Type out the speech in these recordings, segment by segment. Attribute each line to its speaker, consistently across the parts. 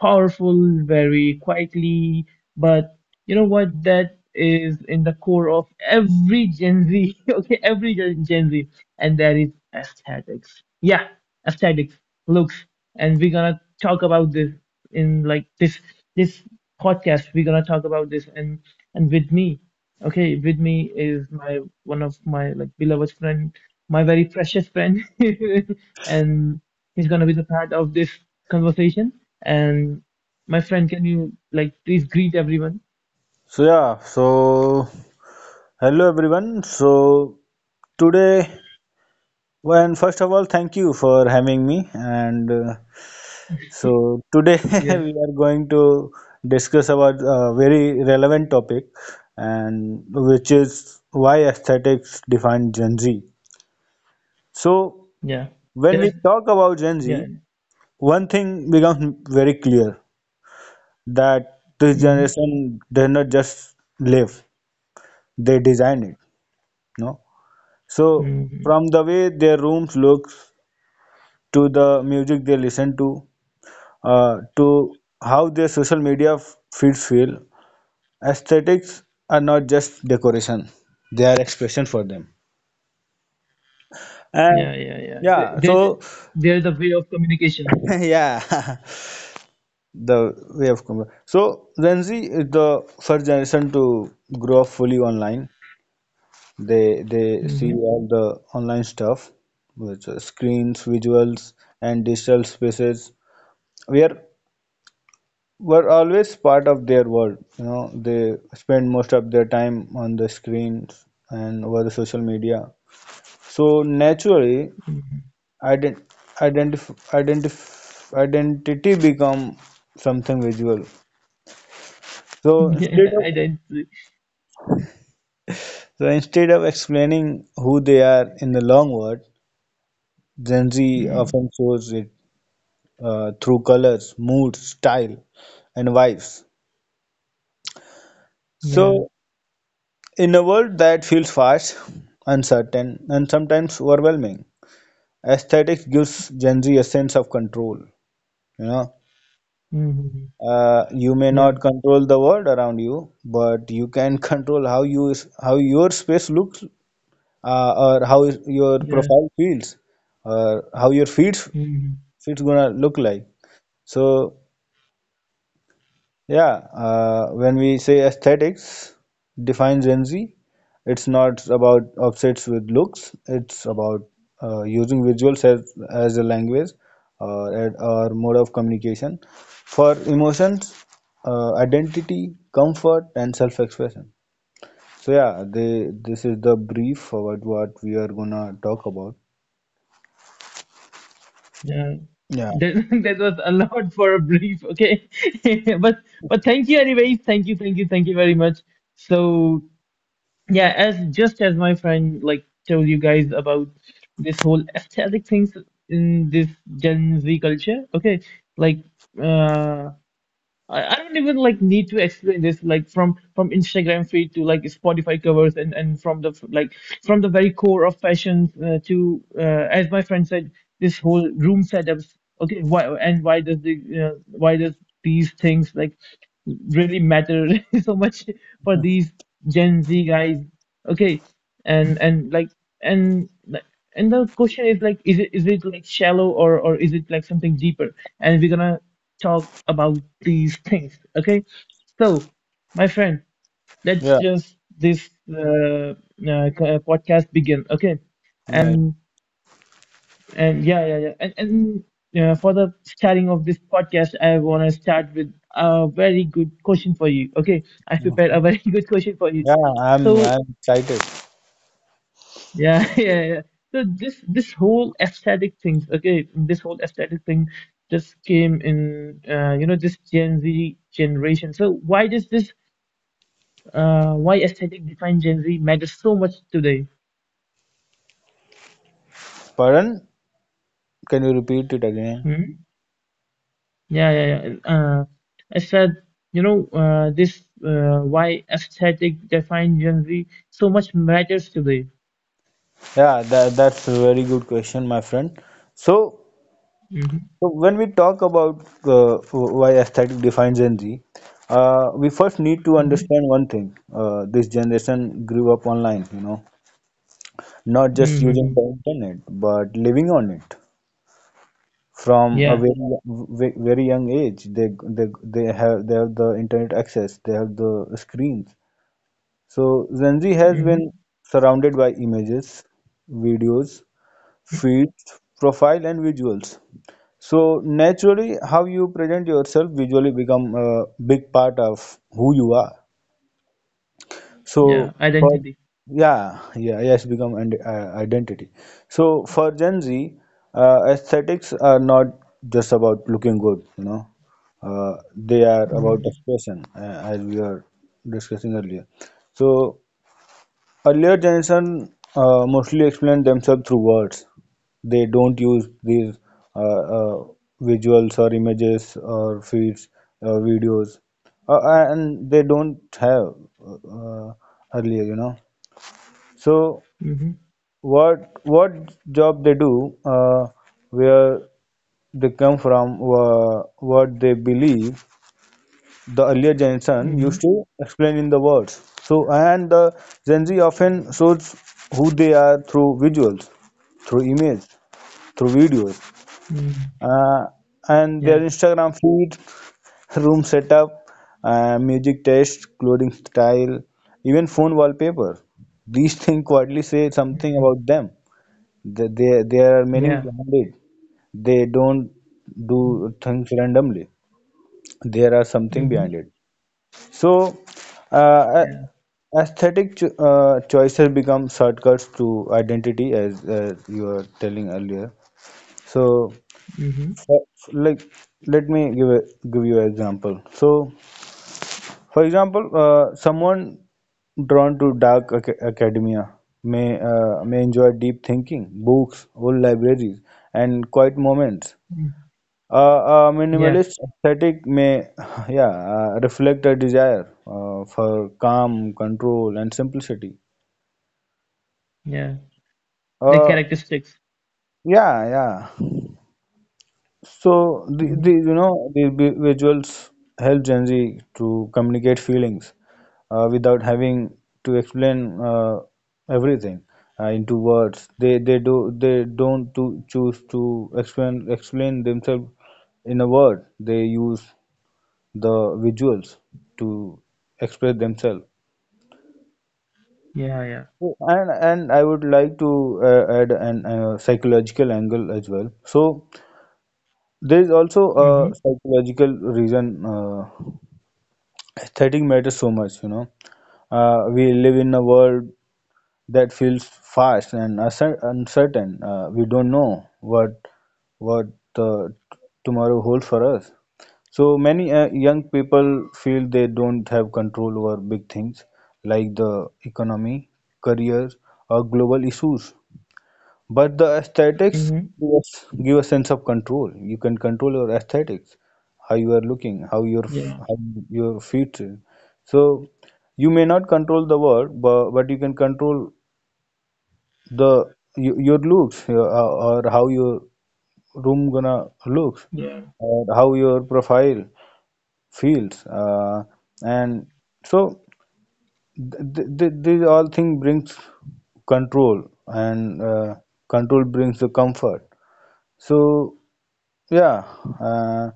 Speaker 1: Powerful, very quietly. But you know what? That is in the core of every Gen Z, okay, every Gen Z, and that is aesthetics. Yeah, aesthetics, looks, and we're gonna talk about this in like this podcast. We're gonna talk about this, and with me. Okay, with me is my one of my like beloved friend, my very precious friend, and he's gonna be the part of this conversation. And my friend, can you like please greet everyone?
Speaker 2: So hello everyone. So today, well, first of all, thank you for having me. And so today
Speaker 1: Yeah,
Speaker 2: we are going to discuss about a very relevant topic, and which is why aesthetics define Gen Z. So
Speaker 1: yeah.
Speaker 2: when we
Speaker 1: There's
Speaker 2: talk about Gen Z,
Speaker 1: yeah,
Speaker 2: one thing becomes very clear that this
Speaker 1: mm-hmm,
Speaker 2: generation did not just live; they designed it. No. So
Speaker 1: mm-hmm.
Speaker 2: from the way their rooms look to the music they listen to how their social media feeds feel, aesthetics are not just decoration; they are expression for them. And
Speaker 1: Yeah, yeah, yeah. They
Speaker 2: yeah,
Speaker 1: they
Speaker 2: so
Speaker 1: they're the way of communication.
Speaker 2: yeah, the way of com- so Gen Z is the first generation to grow up fully online. They see
Speaker 1: Mm-hmm,
Speaker 2: all the online stuff, which are screens, visuals, and digital spaces. Where were always part of their world. You know, they spend most of their time on the screens and over the social media. So naturally,
Speaker 1: mm-hmm.
Speaker 2: ident- identity become something visual. So
Speaker 1: Yeah,
Speaker 2: instead
Speaker 1: I
Speaker 2: of
Speaker 1: don't see.
Speaker 2: so instead of explaining who they are in the long word, Gen Z
Speaker 1: Mm,
Speaker 2: often shows it through colors, moods, style, and vibes.
Speaker 1: yeah,
Speaker 2: So in a world that feels fast, uncertain, and sometimes overwhelming, aesthetics gives Gen Z a sense of control. You know,
Speaker 1: mm-hmm,
Speaker 2: you may
Speaker 1: yeah,
Speaker 2: not control the world around you, but you can control how your space looks, uh, or your
Speaker 1: yeah,
Speaker 2: profile feels, or how your
Speaker 1: mm-hmm,
Speaker 2: feeds gonna look like. So yeah, when we say aesthetics define Gen Z, it's not about upsets with looks. It's about using visuals as, a language or or mode of communication for emotions, identity, comfort, and self-expression. So yeah, this is the brief about what we are gonna talk about.
Speaker 1: yeah. That, that was a lot for a brief, okay. But but thank you anyways. Thank you, thank you, thank you very much. So yeah, as just as my friend like told you guys about this whole aesthetic things in this Gen Z culture, okay, like uh I don't even like need to explain this like from Instagram feed to like Spotify covers and from the like from the very core of fashion to as my friend said this whole room setups. Okay, why, and why does the why does these things like really matter so much for these Gen Z guys? Okay, and like and and the question is, like, is it like shallow or is it like something deeper? And we're gonna talk about these things, okay? So, my friend, let's
Speaker 2: Yeah,
Speaker 1: just this podcast begin, okay?
Speaker 2: yeah,
Speaker 1: And and yeah, yeah, yeah. And for the starting of this podcast, I wanna start with a very good question for you, okay? I prepared a
Speaker 2: mhm.
Speaker 1: very good question for you.
Speaker 2: Yeah, I'm
Speaker 1: So
Speaker 2: I'm excited.
Speaker 1: yeah, yeah, yeah. So this whole aesthetic things, okay, this whole aesthetic thing just came in, this Gen Z generation. So why does this, why aesthetic defined Gen Z matters so much today?
Speaker 2: Pardon? Can you repeat it again?
Speaker 1: Hmm? Yeah, yeah, yeah. And, I said, you know, this why aesthetic defined Gen Z so much matters today.
Speaker 2: Yeah, that's a very good question, my friend. So,
Speaker 1: Mm-hmm,
Speaker 2: so when we talk about why aesthetic defines Gen Z, we first need to
Speaker 1: mm-hmm,
Speaker 2: understand one thing. This generation grew up online, you know, not just using
Speaker 1: mm-hmm.
Speaker 2: the internet, but living on it. From a
Speaker 1: Yeah.
Speaker 2: very very young age, they have the internet access, they have the screens. So Gen Z has been
Speaker 1: Mm-hmm,
Speaker 2: surrounded by images, videos,
Speaker 1: mm-hmm,
Speaker 2: feeds, profile, and visuals. So naturally, how you present yourself visually become a big part of who you are. So
Speaker 1: yeah.
Speaker 2: for
Speaker 1: Identity.
Speaker 2: yeah, yeah, yes, become an identity. So for Gen Z, aesthetics are not just about looking good, you know. They are about
Speaker 1: Mm-hmm,
Speaker 2: expression, as we were discussing earlier. So earlier generation mostly explain themselves through words. They don't use these uh, uh, visuals or images or feeds or videos, uh, and they don't have uh, earlier, you know. So
Speaker 1: mm-hmm,
Speaker 2: what what job they do, where they come from, what they believe, the earlier generation used
Speaker 1: mm-hmm,
Speaker 2: to explain in the words. So, and the Gen Z often shows who they are through visuals, through images, through videos,
Speaker 1: mm-hmm.
Speaker 2: uh, and
Speaker 1: Yeah.
Speaker 2: their Instagram feed, room setup, music taste, clothing style, even phone wallpaper. These things quietly say something
Speaker 1: Mm.
Speaker 2: about them. They are meaning
Speaker 1: Yeah.
Speaker 2: behind it. They don't do things randomly. There are something
Speaker 1: Mm-hmm.
Speaker 2: behind it. So, uh,
Speaker 1: Yeah.
Speaker 2: aesthetic choices become shortcuts to identity, as you were telling earlier. So,
Speaker 1: Mm-hmm.
Speaker 2: for- like, let me give a, give you an example. So, for example, someone drawn to dark ac academia may enjoy deep thinking, books, old libraries, and quiet moments.
Speaker 1: Mm.
Speaker 2: A
Speaker 1: Yeah.
Speaker 2: minimalist aesthetic may, yeah, reflect a desire for calm, control, and simplicity.
Speaker 1: Yeah. The
Speaker 2: Uh,
Speaker 1: characteristics.
Speaker 2: yeah, yeah. So,
Speaker 1: Mm-hmm.
Speaker 2: the you know the visuals help Gen Z to communicate feelings without having to explain everything into words. They don't to choose to explain themselves in a word. They use the visuals to express themselves.
Speaker 1: Yeah. Yeah.
Speaker 2: So, and I would like to add an psychological angle as well. So there is also a
Speaker 1: Mm-hmm.
Speaker 2: psychological reason aesthetic matters so much. You know, we live in a world that feels fast and uncertain. We don't know what uh, t- tomorrow holds for us. So many young people feel they don't have control over big things like the economy, career, or global issues. But the aesthetics
Speaker 1: Mm-hmm.
Speaker 2: give a sense of control. You can control your aesthetics, how you are looking,
Speaker 1: Yeah.
Speaker 2: how your feet is. So you may not control the world, but you can control the your looks your, or how your room gonna looks
Speaker 1: Yeah.
Speaker 2: or how your profile fields and so these all thing brings control and control brings the comfort so yeah. uh,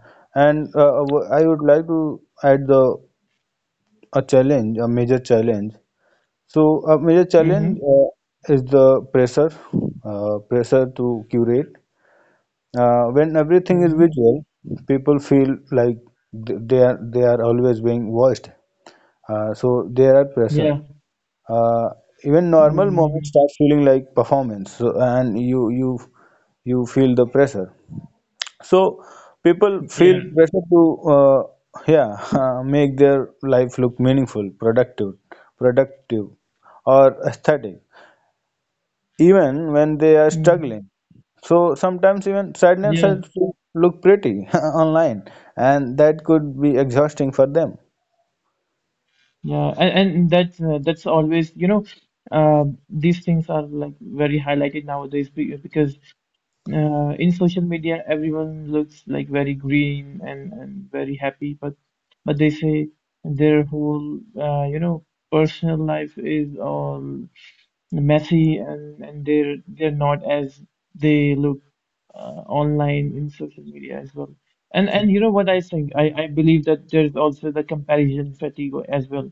Speaker 2: and uh, uh, i would like to add the a challenge a major challenge so a major challenge
Speaker 1: Mm-hmm.
Speaker 2: is the pressure pressure to curate. When everything is
Speaker 1: Mm-hmm.
Speaker 2: visual, people feel like they are always being watched. So there are pressure.
Speaker 1: Yeah.
Speaker 2: Uh, Even normal
Speaker 1: Mm-hmm.
Speaker 2: moments start feeling like performance, so, and you feel the pressure. So people feel
Speaker 1: Yeah.
Speaker 2: pressure to uh, yeah make their life look meaningful, productive, productive, or aesthetic even when they are
Speaker 1: Mm-hmm.
Speaker 2: struggling. So sometimes even sadness helps
Speaker 1: Yeah.
Speaker 2: to look pretty online, and that could be exhausting for them.
Speaker 1: Yeah. And that's always, you know, uh, these things are like very highlighted nowadays because in social media, everyone looks like very green and very happy, but they say their whole, you know, personal life is all messy, and they're not as they look online in social media as well. And you know what I think? I believe that there's also the comparison fatigue as well.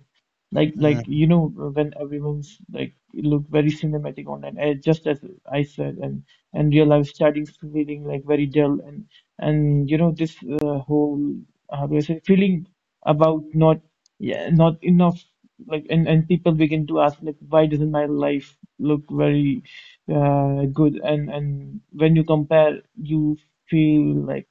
Speaker 1: Like you know when everyone's like look very cinematic online, eh, just as I said, and real life starting feeling like very dull and you know this whole how do I say feeling about not, yeah, not enough, like, and people begin to ask like why doesn't my life look very good, and when you compare you feel like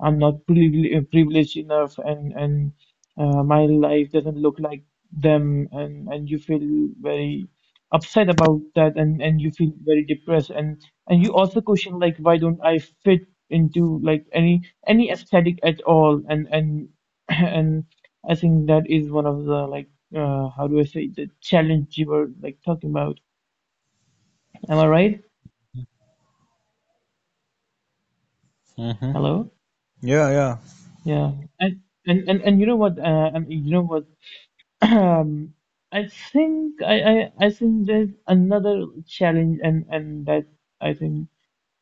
Speaker 1: I'm not privileged enough, and my life doesn't look like them, and you feel very upset about that, and you feel very depressed, and you also question like why don't I fit into like any aesthetic at all, and and I think that is one of the like, how do I say, the challenge you were like talking about. Am I right?
Speaker 2: Mm-hmm.
Speaker 1: Hello?
Speaker 2: Yeah, yeah,
Speaker 1: Yeah. And and you know what? And you know what? Um, I I think there's another challenge, and that I think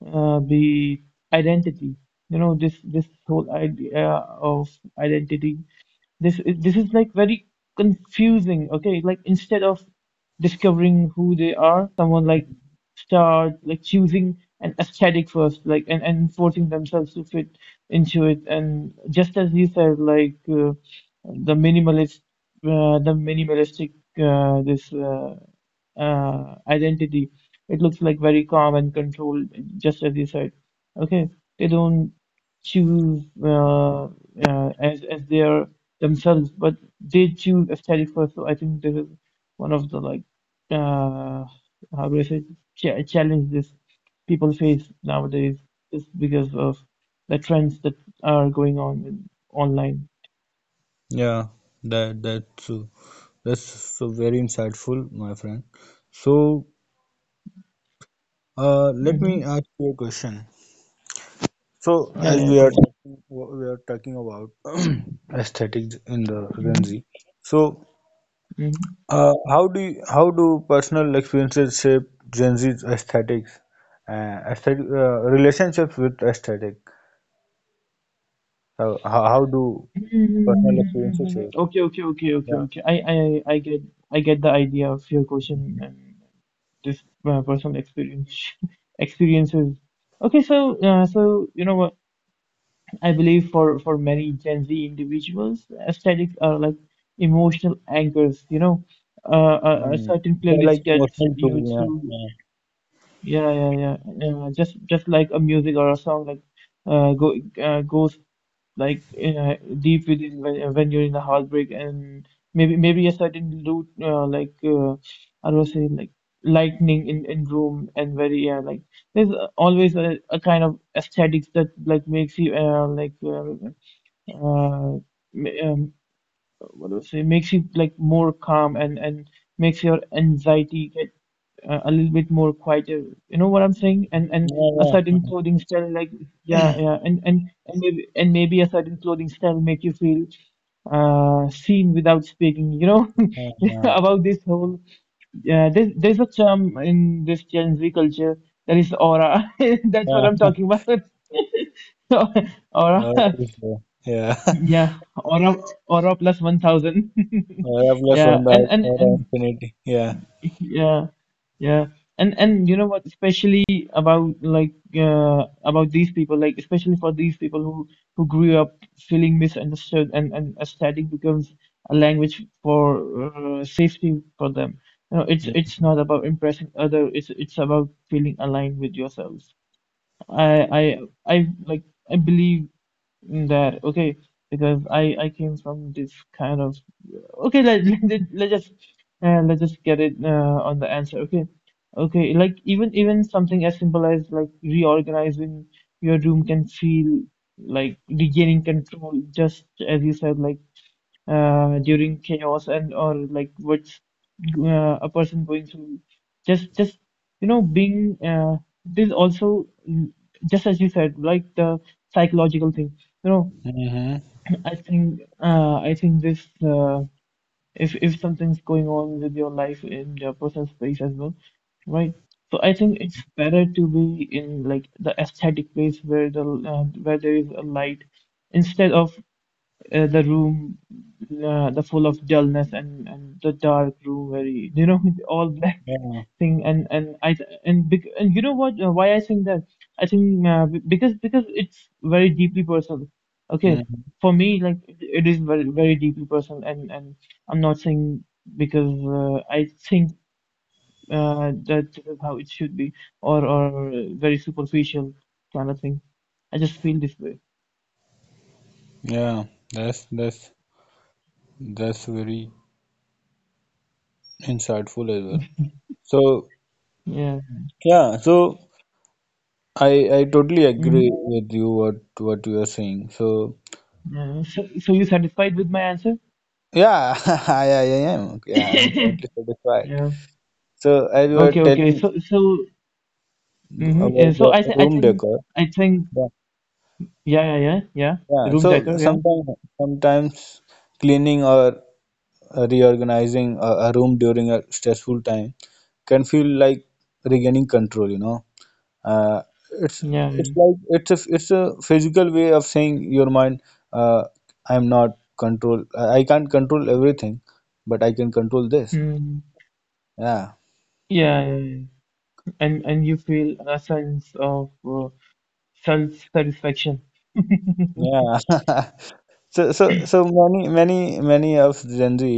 Speaker 1: the identity. You know, this whole idea of identity. This is like very confusing. Okay, like instead of discovering who they are, someone like start like choosing an aesthetic first, like, and forcing themselves to fit into it. And just as you said, like the minimalist, the minimalistic, this. Identity. It looks like very calm and controlled, just as you said. Okay, they don't choose as their themselves, but they choose aesthetic first. So I think this is one of the like, uh, how do I say, ch challenge this people face nowadays, just because of the trends that are going on in, online.
Speaker 2: yeah. That's that's so very insightful, my friend. So, let me
Speaker 1: Hmm.
Speaker 2: ask you a question. So,
Speaker 1: Yeah,
Speaker 2: as
Speaker 1: yeah, go on.
Speaker 2: we are talking about aesthetics in the Gen
Speaker 1: Hmm.
Speaker 2: Z. So,
Speaker 1: Hmm.
Speaker 2: How do you, how do personal experiences shape Gen Z's aesthetics, aesthetic relationships with aesthetic? So how do personal experiences
Speaker 1: Mm.
Speaker 2: shape?
Speaker 1: Okay, okay, okay, okay.
Speaker 2: Yeah,
Speaker 1: okay. I get the idea of your question and this personal experience, experiences. Okay, so, so you know what? I believe for many Gen Z individuals, aesthetics are like emotional anchors. You know, a
Speaker 2: mm.
Speaker 1: certain
Speaker 2: They're like
Speaker 1: playlist gets
Speaker 2: emotional
Speaker 1: you
Speaker 2: too. Yeah,
Speaker 1: through. Yeah, yeah, yeah. Just like a music or a song, like, uh, go, goes like uh, deep within when you're in the heartbreak, and maybe a certain loot like I was saying like lightning in room and very like there's always a kind of aesthetics that like makes you like uh, ma- um, what do I say, makes you like more calm, and makes your anxiety get a little bit more quieter. You know what I'm saying? And
Speaker 2: yeah,
Speaker 1: a certain
Speaker 2: yeah,
Speaker 1: clothing style, like yeah,
Speaker 2: yeah.
Speaker 1: yeah, and maybe a certain clothing style make you feel seen without speaking. You know
Speaker 2: yeah. yeah.
Speaker 1: about this whole yeah. There's a charm in this Gen Z culture that is aura. That's what
Speaker 2: yeah.
Speaker 1: I'm
Speaker 2: yeah.
Speaker 1: talking about. Aura,
Speaker 2: What is there? Yeah.
Speaker 1: yeah, aura, aura plus 1000.
Speaker 2: Plus
Speaker 1: Yeah,
Speaker 2: one,
Speaker 1: and
Speaker 2: the
Speaker 1: and and
Speaker 2: infinity. Yeah.
Speaker 1: yeah, yeah. And you know what, especially about like about these people, like especially for these people who grew up feeling misunderstood, and aesthetic becomes a language for safety for them. You know, it's
Speaker 2: Mm-hmm.
Speaker 1: not about impressing other, it's about feeling aligned with yourself. I I I like I believe in that. Okay, because I came from this kind of, okay. Let let's just get it on the answer. Okay, okay. Like even even something as simple as like reorganizing your room can feel like regaining control, just as you said. Like during chaos and or like what's a person going through. Just you know being this also mm, just as you said like the psychological thing. You know,
Speaker 2: Mm-hmm.
Speaker 1: I think, this if something's going on with your life in your personal space as well, right? So I think it's better to be in like the aesthetic place where the where there is a light instead of the room, the full of dullness, and the dark room very you know all black
Speaker 2: Yeah.
Speaker 1: thing, and you know what, why I think that? I think, because it's very deeply personal, okay,
Speaker 2: Mm-hmm.
Speaker 1: for me, like it is very very deeply personal, and I'm not saying because I think that this is how it should be, or very superficial kind of thing. I just feel this way.
Speaker 2: Yeah. That's that's very insightful as well. So
Speaker 1: Yeah.
Speaker 2: yeah, so I I totally agree
Speaker 1: Hmm.
Speaker 2: with you what you are saying. So
Speaker 1: Yeah. So, so you satisfied with my answer?
Speaker 2: yeah, I am yeah I'm totally satisfied.
Speaker 1: Yeah.
Speaker 2: So as you were
Speaker 1: Okay, okay.
Speaker 2: telling
Speaker 1: So, so, hmm. Yeah,
Speaker 2: about the room decor,
Speaker 1: I think,
Speaker 2: yeah,
Speaker 1: yeah, yeah, yeah, yeah.
Speaker 2: yeah.
Speaker 1: Room
Speaker 2: So
Speaker 1: decor, yeah,
Speaker 2: sometimes cleaning or reorganizing a room during a stressful time can feel like regaining control, you know. uh, it's
Speaker 1: yeah, yeah.
Speaker 2: it's a physical way of saying your mind uh, I'm not control I can't control everything but I can control this.
Speaker 1: Mm,
Speaker 2: Yeah,
Speaker 1: yeah, yeah, yeah. And you feel a sense of self-satisfaction.
Speaker 2: yeah. So many many of Gen Z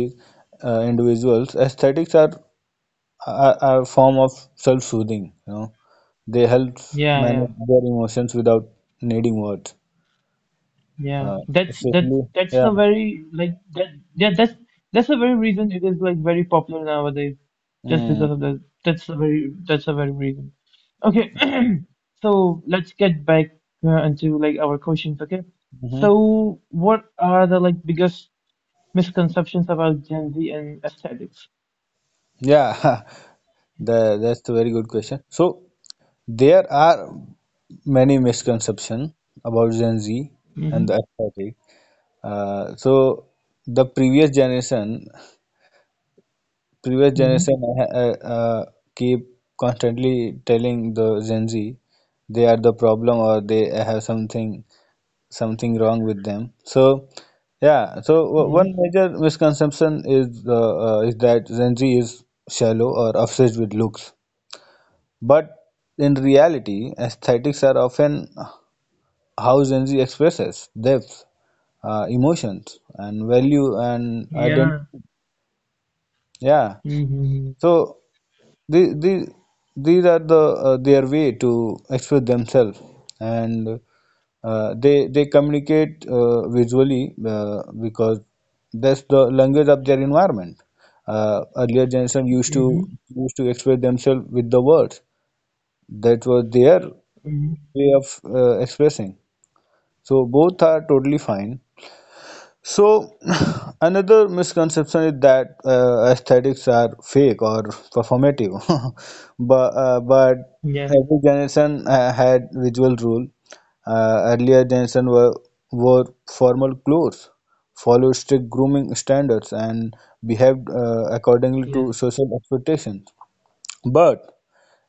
Speaker 2: individuals aesthetics are, are a form of self-soothing, you know. They help
Speaker 1: Yeah, yeah,
Speaker 2: manage their emotions without needing words,
Speaker 1: yeah.
Speaker 2: uh, especially
Speaker 1: That's
Speaker 2: yeah.
Speaker 1: the very like that. Yeah, that's the very reason it is like very popular nowadays, just
Speaker 2: Mm-hmm.
Speaker 1: because of that. That's the very reason. Okay. So let's get back into like our questions, okay?
Speaker 2: Mm-hmm.
Speaker 1: So what are the like biggest misconceptions about Gen Z and aesthetics?
Speaker 2: Yeah. That's the very good question. So there are many misconceptions about Gen Z and
Speaker 1: Mm-hmm.
Speaker 2: the aesthetic. So the previous
Speaker 1: Mm-hmm.
Speaker 2: generation keep constantly telling the Gen Z they are the problem or they have something wrong with them. So yeah, so
Speaker 1: Yeah.
Speaker 2: one major misconception is that Gen Z is shallow or obsessed with looks. But in reality, aesthetics are often how Gen Z expresses depth, emotions, and value and identity.
Speaker 1: Yeah.
Speaker 2: Yeah.
Speaker 1: Mm-hmm.
Speaker 2: So the, the, these are the their way to express themselves, and they communicate visually because that's the language of their environment. Earlier generation used to
Speaker 1: Mm-hmm.
Speaker 2: express themselves with the words. That was there
Speaker 1: Mm-hmm.
Speaker 2: way of expressing. So both are totally fine. So another misconception is that aesthetics are fake or performative, but
Speaker 1: Yeah.
Speaker 2: every generation had visual rule. Earlier generation were wore formal clothes, followed strict grooming standards, and behaved accordingly to
Speaker 1: Yeah.
Speaker 2: social expectations. But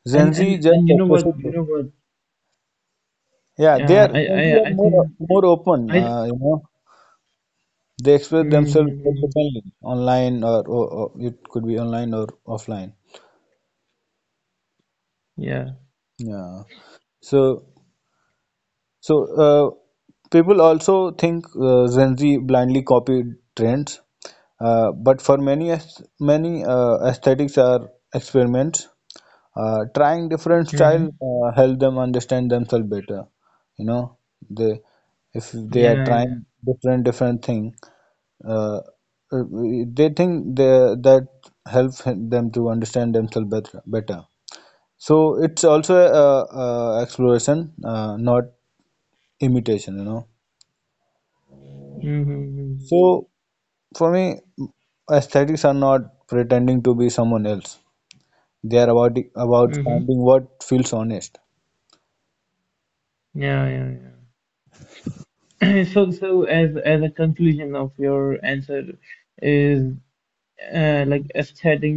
Speaker 2: Gen
Speaker 1: And
Speaker 2: Z
Speaker 1: and
Speaker 2: just
Speaker 1: and you know what? You
Speaker 2: expresses.
Speaker 1: know what?
Speaker 2: Yeah, they are
Speaker 1: Yeah.
Speaker 2: Gen Z are
Speaker 1: I think
Speaker 2: more open.
Speaker 1: I.
Speaker 2: You know, they express themselves very
Speaker 1: Mm-hmm.
Speaker 2: openly online or it could be online or offline.
Speaker 1: Yeah.
Speaker 2: Yeah. So. So, people also think Gen Z blindly copy trends, but for many, aesthetics are experiments. Trying different style
Speaker 1: Mm-hmm.
Speaker 2: help them understand themselves better. You know, they if they
Speaker 1: Yeah.
Speaker 2: are
Speaker 1: Yeah. Yeah.
Speaker 2: trying different thing, uh, uh, they think they, that help them to understand themselves better. Better. So it's also a exploration, not imitation, you know.
Speaker 1: Mm-hmm.
Speaker 2: So for me, aesthetics are not pretending to be someone else. They are about
Speaker 1: Mm-hmm. Mm-hmm.
Speaker 2: finding what feels honest.
Speaker 1: Yeah. Yeah. Yeah. So, so as a conclusion of your answer is like aesthetic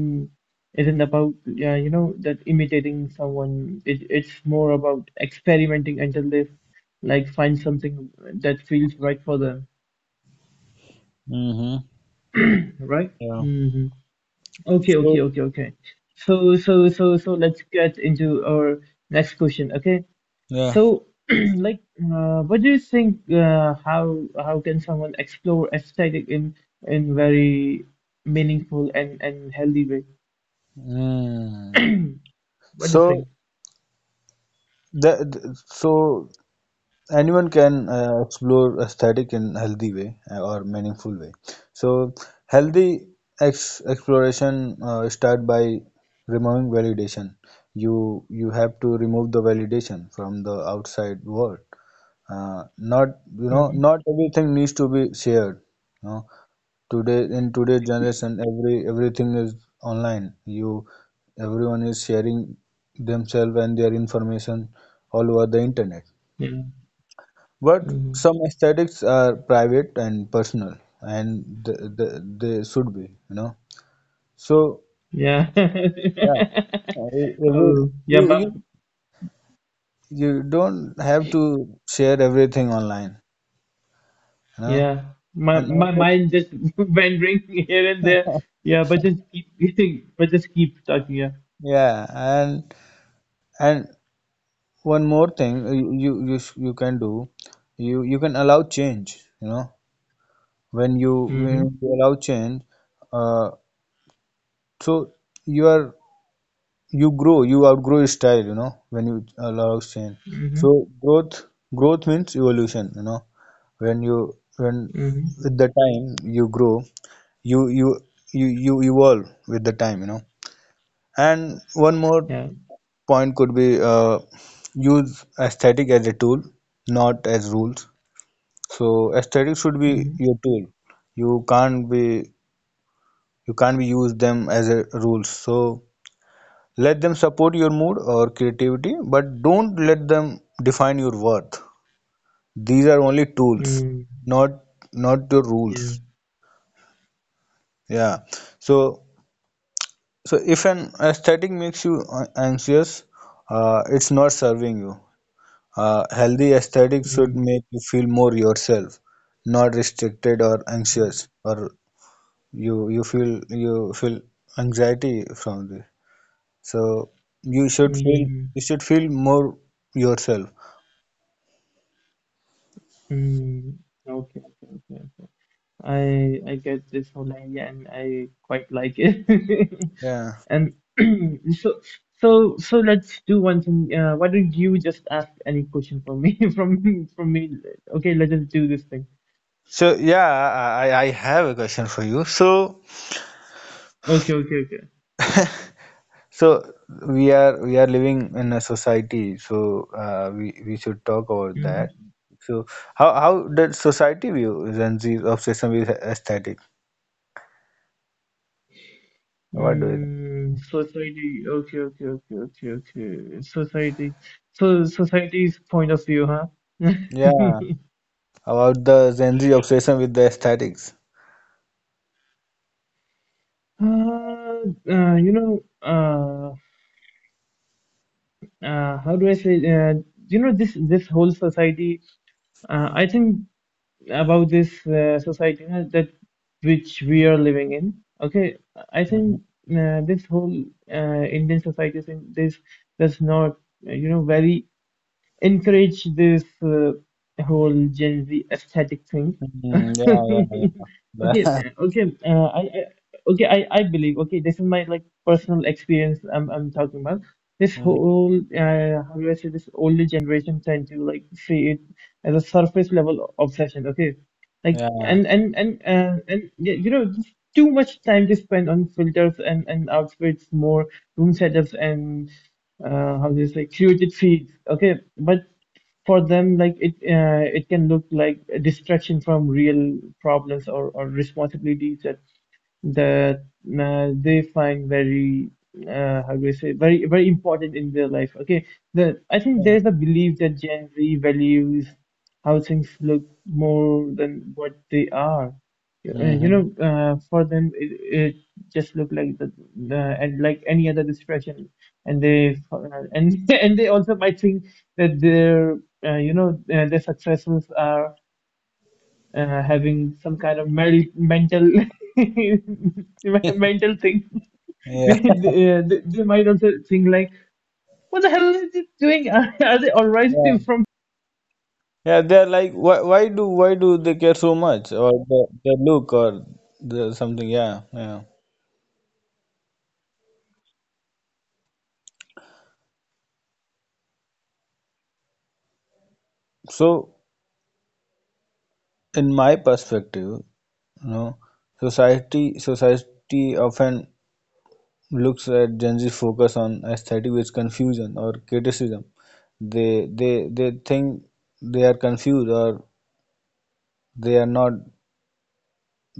Speaker 1: isn't about, yeah, you know, that imitating someone. It it's more about experimenting until they like find something that feels right for them,
Speaker 2: Mm-hmm.
Speaker 1: right?
Speaker 2: Yeah.
Speaker 1: Hmm. Okay, okay,
Speaker 2: So
Speaker 1: okay, okay. So, so, so, so let's get into our next question. Okay.
Speaker 2: yeah.
Speaker 1: So, like, what do you think? How how can someone explore aesthetic in very meaningful and healthy way?
Speaker 2: Mm.
Speaker 1: What do you
Speaker 2: So
Speaker 1: think?
Speaker 2: that so anyone can explore aesthetic in healthy way or meaningful way. So healthy ex exploration start by removing validation. You have to remove the validation from the outside world. Not
Speaker 1: Hmm.
Speaker 2: not everything needs to be shared, you know. Today in today's generation, everything is online. You everyone is sharing themselves and their information all over the internet,
Speaker 1: Yeah.
Speaker 2: but
Speaker 1: Hmm.
Speaker 2: some aesthetics are private and personal, and th th they should be, you know. so
Speaker 1: Yeah.
Speaker 2: yeah uh, every,
Speaker 1: Oh, yeah,
Speaker 2: you,
Speaker 1: my,
Speaker 2: you you don't have to share everything online, you know,
Speaker 1: yeah. My
Speaker 2: and
Speaker 1: my mind just wandering here and there. Yeah, but just keep but just keep talking. Yeah.
Speaker 2: yeah and and one more thing. You can do. You can allow change, you know. When you
Speaker 1: Mm-hmm.
Speaker 2: when you allow change, uh, so you are you grow, you outgrow your style, you know, when you allow change. So
Speaker 1: Mm-hmm.
Speaker 2: growth means evolution, you know. When
Speaker 1: Mm-hmm.
Speaker 2: with the time you grow, you you you evolve with the time, you know. And one more
Speaker 1: Yeah.
Speaker 2: point could be, use aesthetic as a tool, not as rules. So aesthetics should be
Speaker 1: Mm-hmm.
Speaker 2: your tool. You can't be you can't be use them as a rules. So let them support your mood or creativity, but don't let them define your worth. These are only tools,
Speaker 1: Mm.
Speaker 2: not your rules.
Speaker 1: Yeah.
Speaker 2: Yeah. So so if an aesthetic makes you anxious, it's not serving you. Healthy aesthetics should
Speaker 1: Mm.
Speaker 2: make you feel more yourself, not restricted or anxious, or you feel anxiety from this. So you should feel,
Speaker 1: Mm.
Speaker 2: you should feel more yourself.
Speaker 1: Mm, okay, okay, okay, okay. I get this whole idea and I quite like it.
Speaker 2: Yeah.
Speaker 1: And so so let's do one thing. Why don't you just ask any question for me from me? Okay, let's just do this thing.
Speaker 2: So yeah, I I have a question for you. So
Speaker 1: Okay, okay, okay.
Speaker 2: so we are living in a society. So we should talk about that.
Speaker 1: hmm
Speaker 2: So how did society view Gen Z's obsession with aesthetic? What do you think?
Speaker 1: Society. Okay, okay, okay, okay, okay. Society. So society's point of view, huh?
Speaker 2: Yeah, about the Gen Z obsession with the esthetics.
Speaker 1: You know, how do I say, you know, this whole society. I think about this society that which we are living in. Okay, I
Speaker 2: Mm-hmm.
Speaker 1: think this whole Indian society thing, this does not, very encourage this whole Gen Z aesthetic thing.
Speaker 2: Yeah, yeah,
Speaker 1: Okay,
Speaker 2: yeah.
Speaker 1: okay, I okay, I believe. Okay, this is my like personal experience. I'm talking about this
Speaker 2: Yeah.
Speaker 1: whole how do I say this older generation tend to like see it as a surface level obsession. Okay, like
Speaker 2: Yeah.
Speaker 1: and just too much time to spend on filters and outfits, more room setups and how do you say created feeds. Okay, but for them like it can look like a distraction from real problems or responsibilities that that they find very how do I say very very important in their life. Okay, the I think
Speaker 2: Yeah.
Speaker 1: there's a belief that Gen Z values how things look more than what they are.
Speaker 2: Mm-hmm.
Speaker 1: For them it just look like the and like any other distraction, and they and and they also might think that their their successes are having some kind of mental mental thing.
Speaker 2: Yeah.
Speaker 1: They might also think like, "What the hell is it doing? Are they all right
Speaker 2: Yeah.
Speaker 1: from
Speaker 2: Yeah, they're like, why do they care so much, or the look, or the something? Yeah, yeah. So in my perspective, you know, society often looks at Gen Z focus on aesthetic with confusion or criticism. They think they are confused, or they are not,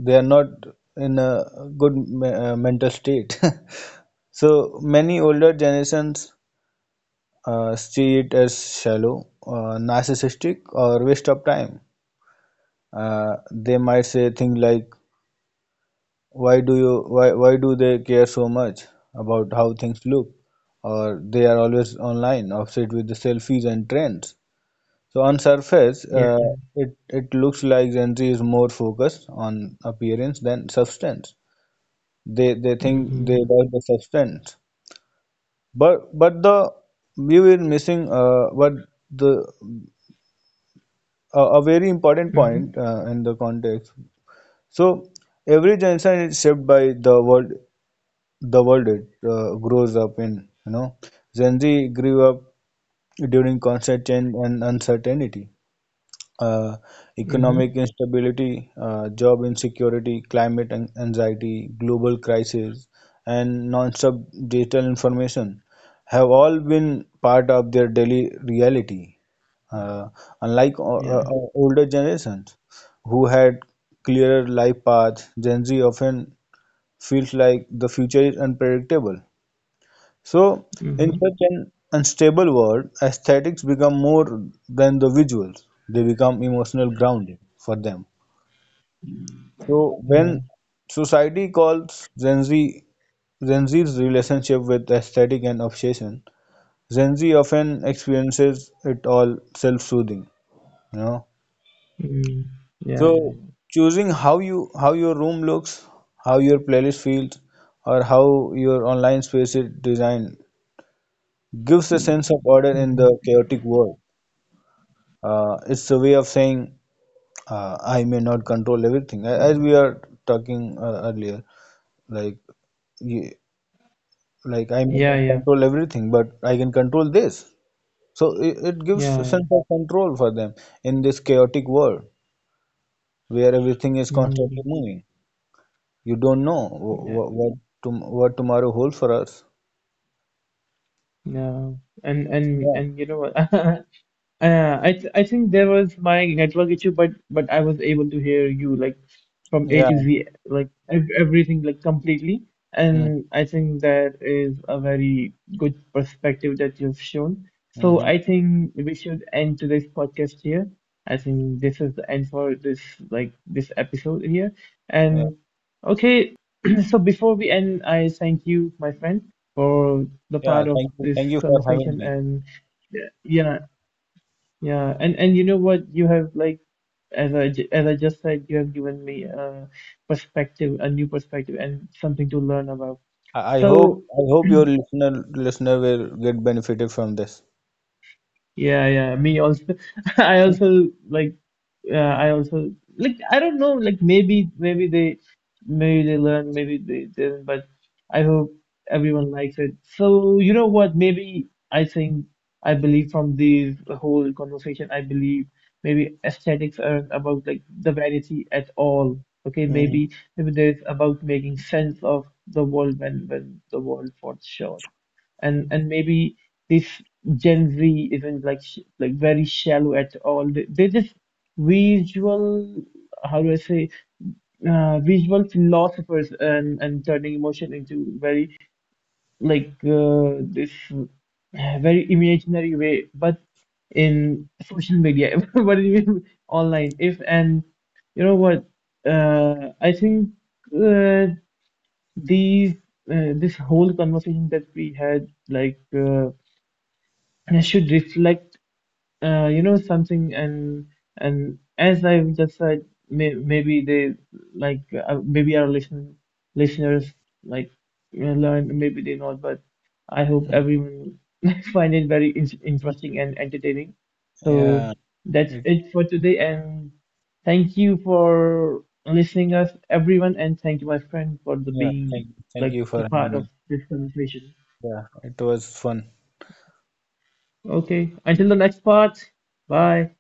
Speaker 2: they are not in a good mental state. So many older generations see it as shallow, narcissistic, or waste of time. They might say things like, "Why do you? Why do they care so much about how things look?" Or, "They are always online, obsessed with the selfies and trends." So on surface,
Speaker 1: Yeah.
Speaker 2: it looks like Gen Z is more focused on appearance than substance. They think they
Speaker 1: Mm.
Speaker 2: like the substance. But the we were missing what the a very important point in the context. So every generation is shaped by the world it grows up in. You know, Gen Z grew up during constant change and uncertainty: uh, economic
Speaker 1: Mhm.
Speaker 2: instability, job insecurity, climate anxiety, global crisis, and non-stop digital information have all been part of their daily reality. Uh, unlike o- uh,
Speaker 1: Yeah.
Speaker 2: uh, older generations who had clearer life paths, Gen Z often feels like the future is unpredictable. So in
Speaker 1: Mhm.
Speaker 2: such an unstable world, aesthetics become more than the visuals. They become emotional grounding for them.
Speaker 1: Mhm.
Speaker 2: So
Speaker 1: Yeah.
Speaker 2: when society calls Gen Z's relationship with aesthetic and obsession, Gen Z often experiences it all self-soothing, you know.
Speaker 1: Mhm.
Speaker 2: So
Speaker 1: Yeah.
Speaker 2: choosing how you how your room looks, how your playlist feels, or how your online space is designed gives a sense of order in the
Speaker 1: Mm.
Speaker 2: chaotic world. It's a way of saying, "I may not control everything." As we are talking earlier, like, you, I
Speaker 1: Yeah. Yeah. Mm-hmm.
Speaker 2: may
Speaker 1: Yeah.
Speaker 2: not
Speaker 1: Mhm. Yeah. Yeah.
Speaker 2: control everything, but I can control this. So it gives a
Speaker 1: Yeah.
Speaker 2: sense of control for them in this chaotic world where everything is constantly
Speaker 1: Mhm.
Speaker 2: moving. You don't know
Speaker 1: Yeah.
Speaker 2: what, tom what tomorrow holds for us.
Speaker 1: No. And and
Speaker 2: Yeah,
Speaker 1: and you know what? I think there was my network issue, but I was able to hear you like from A
Speaker 2: yeah,
Speaker 1: to Z, like ev everything like completely.
Speaker 2: mm,
Speaker 1: And I think that is a very good perspective that you've shown. So
Speaker 2: hmm,
Speaker 1: I think we should end today's podcast here. I think this is the end for this like this episode here.
Speaker 2: yeah,
Speaker 1: And okay, so before we end, I thank you, my friend, for the
Speaker 2: yeah.
Speaker 1: part of this
Speaker 2: Thank you for having
Speaker 1: conversation
Speaker 2: me.
Speaker 1: and. Yeah, yeah, and you know what? You have like, as I just said, you have given me a perspective, a new perspective, and something to learn about.
Speaker 2: I hope,
Speaker 1: So.
Speaker 2: I hope your listener will get benefited from this.
Speaker 1: Yeah, yeah, me also. I also like, I also like. I don't know. Like maybe they learn, maybe they didn't. But I hope everyone likes it. So you know what? Maybe I think I believe from this whole conversation. I believe maybe aesthetics aren't about like the vanity at all. Okay,
Speaker 2: Mhm.
Speaker 1: maybe maybe there's about making sense of the world when the world falls short and maybe this Gen Z isn't like very shallow at all. They're just visual, how do I say, visual philosophers and turning emotion into very like this very imaginary way, but in social media, but in online. If and you know what, I think uh, these this whole conversation that we had like. I should reflect, something, and as I've just said, maybe they like maybe our listeners like learn, maybe they not, but I hope everyone find it very in interesting and entertaining. So
Speaker 2: Yeah,
Speaker 1: that's
Speaker 2: it,
Speaker 1: it for today, and thank you for listening us, everyone, and thank you, my friend, for the
Speaker 2: yeah,
Speaker 1: being
Speaker 2: thank
Speaker 1: like
Speaker 2: you for
Speaker 1: the
Speaker 2: having
Speaker 1: part of
Speaker 2: me.
Speaker 1: this conversation.
Speaker 2: Yeah, it was fun.
Speaker 1: Okay, until the next part, bye.